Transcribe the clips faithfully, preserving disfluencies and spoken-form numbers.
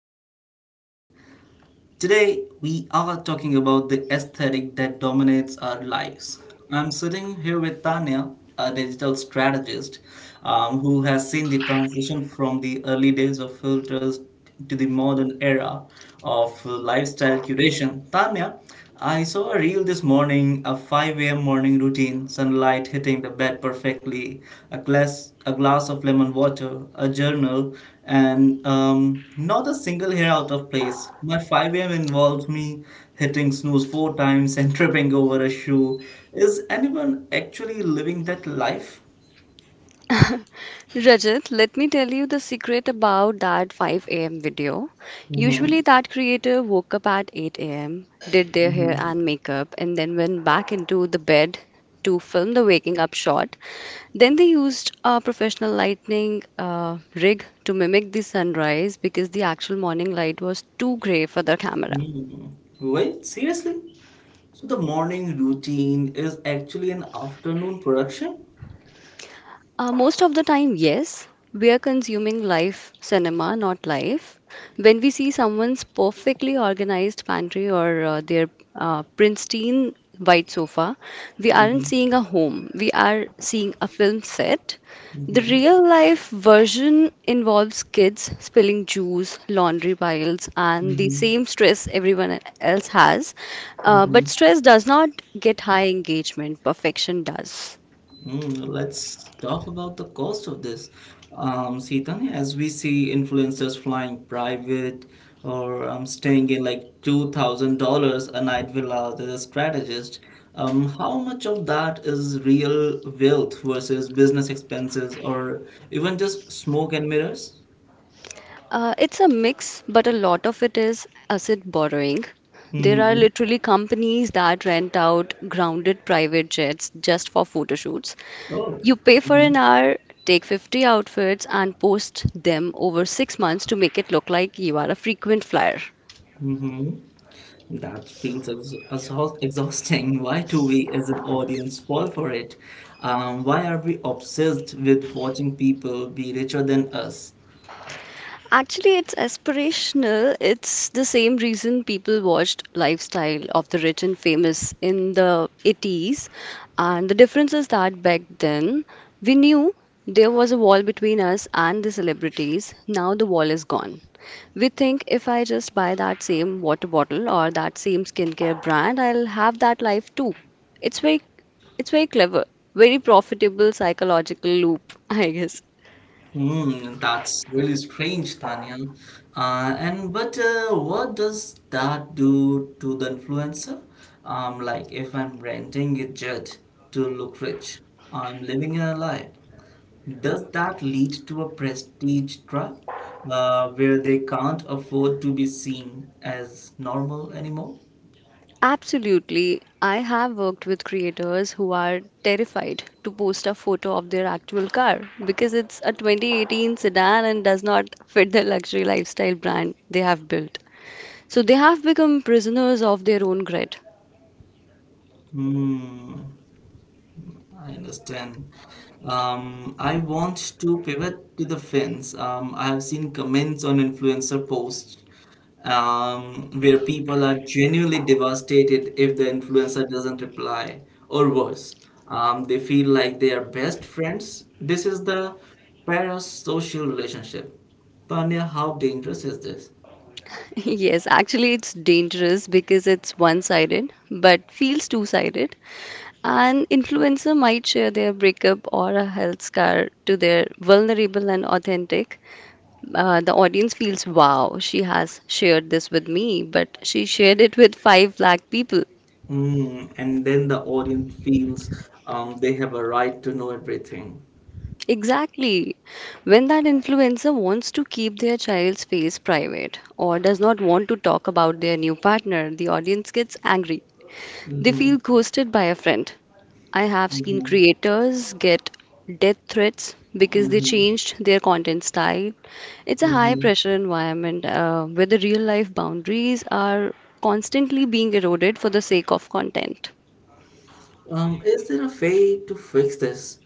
back, everyone. Today, we are talking about the aesthetic that dominates our lives. I'm sitting here with Tanya, a digital strategist um, who has seen the transition from the early days of filters to the modern era of lifestyle curation. Tanya, I saw a reel this morning, a five a m morning routine, sunlight hitting the bed perfectly, a glass, a glass of lemon water, a journal, and um, not a single hair out of place. My five a m involves me hitting snooze four times and tripping over a shoe. Is anyone actually living that life? Rajat, let me tell you the secret about that five a m video. hmm Usually, that creator woke up at eight a m, did their hmm hair and makeup, and then went back into the bed to film the waking up shot. Then they used a professional lighting uh, rig to mimic the sunrise because the actual morning light was too gray for the camera. Wait, seriously? So the morning routine is actually an afternoon production? Uh, most of the time, yes. We are consuming live cinema, not life. When we see someone's perfectly organized pantry or uh, their uh, pristine white sofa, we hmm aren't seeing a home. We are seeing a film set. The real life version involves kids spilling juice, laundry piles, and the Mhm, same stress everyone else has. Uh, but mhm. stress does not get high engagement, perfection does. Mm, let's talk about the cost of this. Um, Seetha, as we see influencers flying private or um, staying in like two thousand dollars a night villas as a strategist, um, how much of that is real wealth versus business expenses or even just smoke and mirrors? Uh, it's a mix, but a lot of it is asset borrowing. There are Mm-hmm. literally companies that rent out grounded private jets just for photo shoots. Oh. You pay for an hour, take fifty outfits, and post them over six months to make it look like you are a frequent flyer. Mm-hmm. That feels ex exhaust exhausting. Why do we as an audience fall for it? Um, why are we obsessed with watching people be richer than us? Actually, it's aspirational. It's the same reason people watched Lifestyle of the Rich and Famous in the eighties. And the difference is that back then, we knew there was a wall between us and the celebrities. Now the wall is gone. We think if I just buy that same water bottle or that same skincare brand, I'll have that life too. It's very, it's very clever, very profitable psychological loop, I guess. Hmm, that's really strange, Tanya. Uh, and but uh, what does that do to the influencer? Um, like if I'm renting a jet to look rich, I'm living a lie. Does that lead to a prestige trap uh, where they can't afford to be seen as normal anymore? Absolutely. I have worked with creators who are terrified to post a photo of their actual car because it's a twenty eighteen sedan and does not fit the luxury lifestyle brand they have built. So they have become prisoners of their own grid. Hmm. I understand. Um, I want to pivot to the fins. Um, I have seen comments on influencer posts um, where people are genuinely devastated if the influencer doesn't reply, or worse, um, they feel like they are best friends. This is the parasocial relationship. Tanya, how dangerous is this? Yes, actually, it's dangerous because it's one sided, but feels two sided. An influencer might share their breakup or a health scare to their vulnerable and authentic. Uh, the audience feels, wow, she has shared this with me, but she shared it with five lakh people. Mm, and then the audience feels um, they have a right to know everything. Exactly. When that influencer wants to keep their child's face private or does not want to talk about their new partner, the audience gets angry. They Mm-hmm. feel ghosted by a friend. I have seen Mm-hmm. creators get death threats because they Mm-hmm. changed their content style. It's a high Mhm. pressure environment uh, where the real life boundaries are constantly being eroded for the sake of content. Um, is there a way to fix this?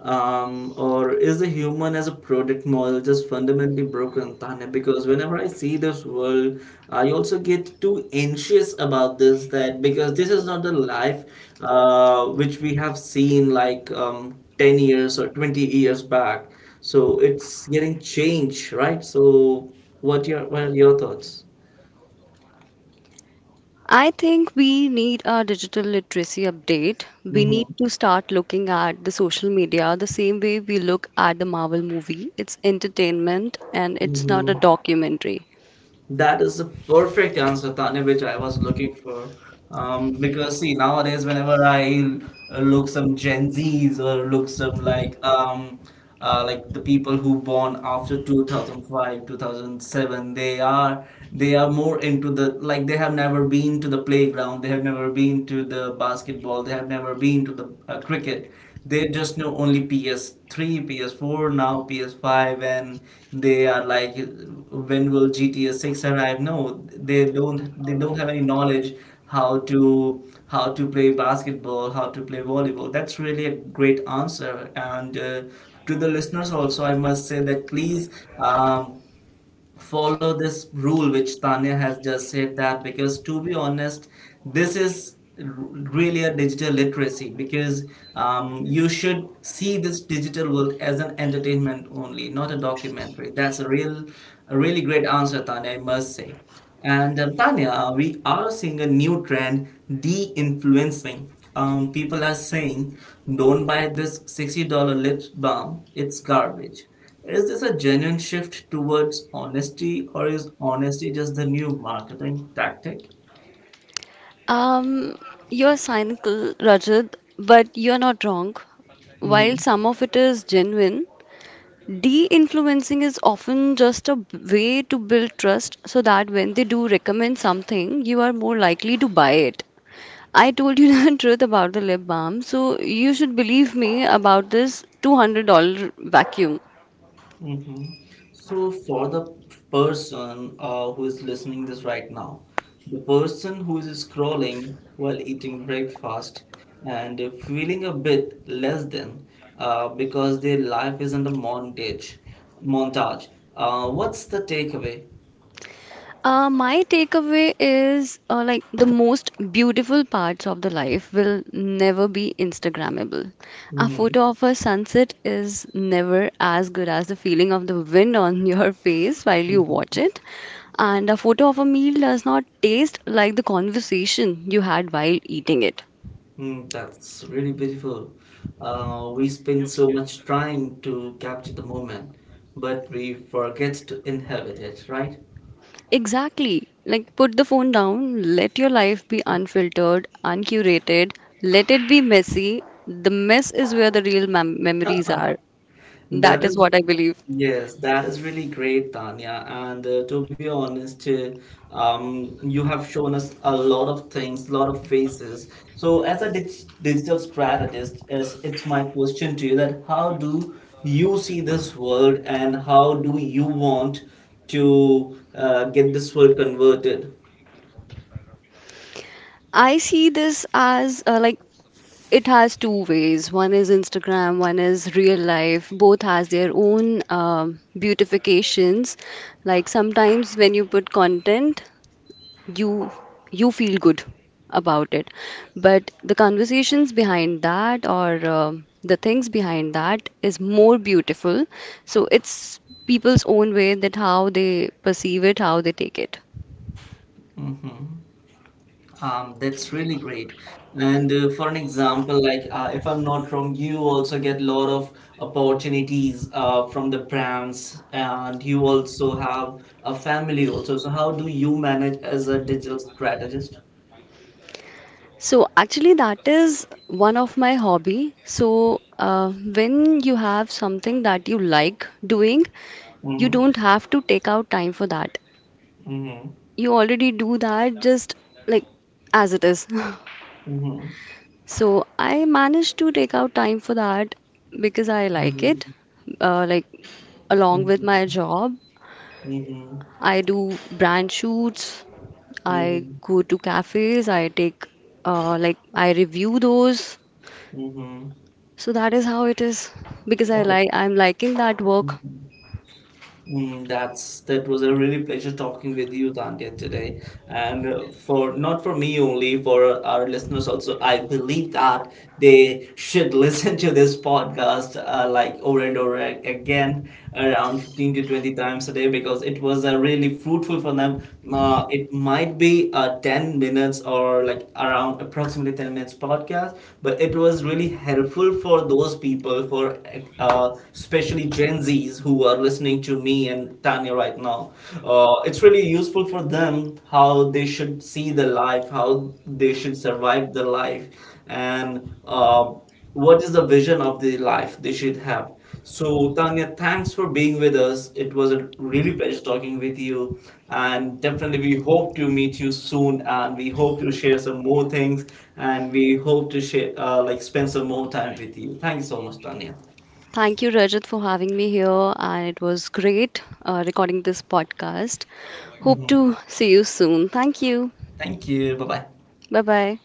Um, or is the human as a product model just fundamentally broken, Tanya? Because whenever I see this world, I also get too anxious about this that because this is not the life uh, which we have seen like um, ten years or twenty years back. So it's getting changed, right? So what your what are your thoughts? I think we need a digital literacy update. We need Mm-hmm. to start looking at the social media the same way we look at the Marvel movie. It's entertainment and it's not a Mm-hmm. documentary. That is the perfect answer, Tanya, which I was looking for. Um, because see, nowadays whenever I uh, look some Gen Zs or look some like um, uh, like the people who born after two thousand five, two thousand seven, they are they are more into the like they have never been to the playground, they have never been to the basketball, they have never been to into the uh, cricket. They just know only P S three, P S four, now P S five, and they are like, when will G T A six arrive? No, they don't. They don't have any knowledge how to how to play basketball, how to play volleyball. That's really a great answer. And uh, to the listeners also, I must say that please. Um, follow this rule which Tanya has just said that because to be honest, this is r- really a digital literacy because um, you should see this digital world as an entertainment only, not a documentary. That's a real, a really great answer, Tanya, I must say. And um, Tanya, uh, we are seeing a new trend, de-influencing. Um, people are saying, don't buy this sixty dollars lip balm, it's garbage. Is this a genuine shift towards honesty, or is honesty just the new marketing tactic? Um, you're cynical, Rajat, but you're not wrong. While Mm-hmm. some of it is genuine, de influencing is often just a way to build trust so that when they do recommend something, you are more likely to buy it. I told you the truth about the lip balm, so you should believe me about this two hundred dollars vacuum. So for the person uh, who is listening this right now, the person who is scrolling while eating breakfast and feeling a bit less than uh, because their life isn't a montage, montage. Uh, what's the takeaway? Uh, my takeaway is uh, like the most beautiful parts of the life will never be Instagrammable. A Mm-hmm. photo of a sunset is never as good as the feeling of the wind on your face while you watch it. And a photo of a meal does not taste like the conversation you had while eating it. Mm, that's really beautiful. Uh, we spend so much time to capture the moment, but we forget to inhabit it, right? Exactly. Like, put the phone down, let your life be unfiltered, uncurated, let it be messy. The mess is where the real mem- memories are. That That is is, what I believe. yes, that is really great, Tanya. And uh, to be honest, uh, um, you have shown us a lot of things, a lot of faces. So, as a dig digital strategist, is it's my question to you that how do you see this world, and how do you want to uh, get this world converted? I see this as uh, like it has two ways. One is Instagram, one is real life. Both has their own um, beautifications. Like sometimes when you put content, you you feel good about it, but the conversations behind that or um the things behind that is more beautiful. So it's people's own way that how they perceive it, how they take it. hmm Um, that's really great. And uh, for an example, like uh, if I'm not wrong, you also get a lot of opportunities uh, from the brands, and you also have a family also. So how do you manage as a digital strategist? So actually, that is one of my hobby. So uh, when you have something that you like doing, you Mm-hmm. don't have to take out time for that. Mm-hmm. You already do that just like as it is. Mm-hmm. So I managed to take out time for that because I like it. Uh, like along with Mm-hmm. my job, Mm-hmm. I do brand shoots. I Mm-hmm. go to cafes. I take uh, like I review those. So that is how it is because I Mm-hmm. like I'm liking that work. Mm, that's that was a really pleasure talking with you, Tanya, today, and uh, for not for me only, for our listeners also. I believe that they should listen to this podcast uh, like over and over a- again, around fifteen to twenty times a day, because it was uh, really fruitful for them. Uh, it might be uh, ten minutes or like around approximately ten minutes podcast, but it was really helpful for those people, for uh, especially Gen Zs who are listening to me and Tanya right now. Uh, it's really useful for them how they should see the life, how they should survive the life, and uh, what is the vision of the life they should have. So, Tanya, thanks for being with us. It was a really pleasure talking with you, and definitely we hope to meet you soon, and we hope to share some more things, and we hope to share uh, like spend some more time with you. Thank you so much, Tanya. Thank you, Rajat, for having me here, and it was great uh, recording this podcast. Hope Mhm. to see you soon. Thank you. Thank you. Bye bye. Bye bye.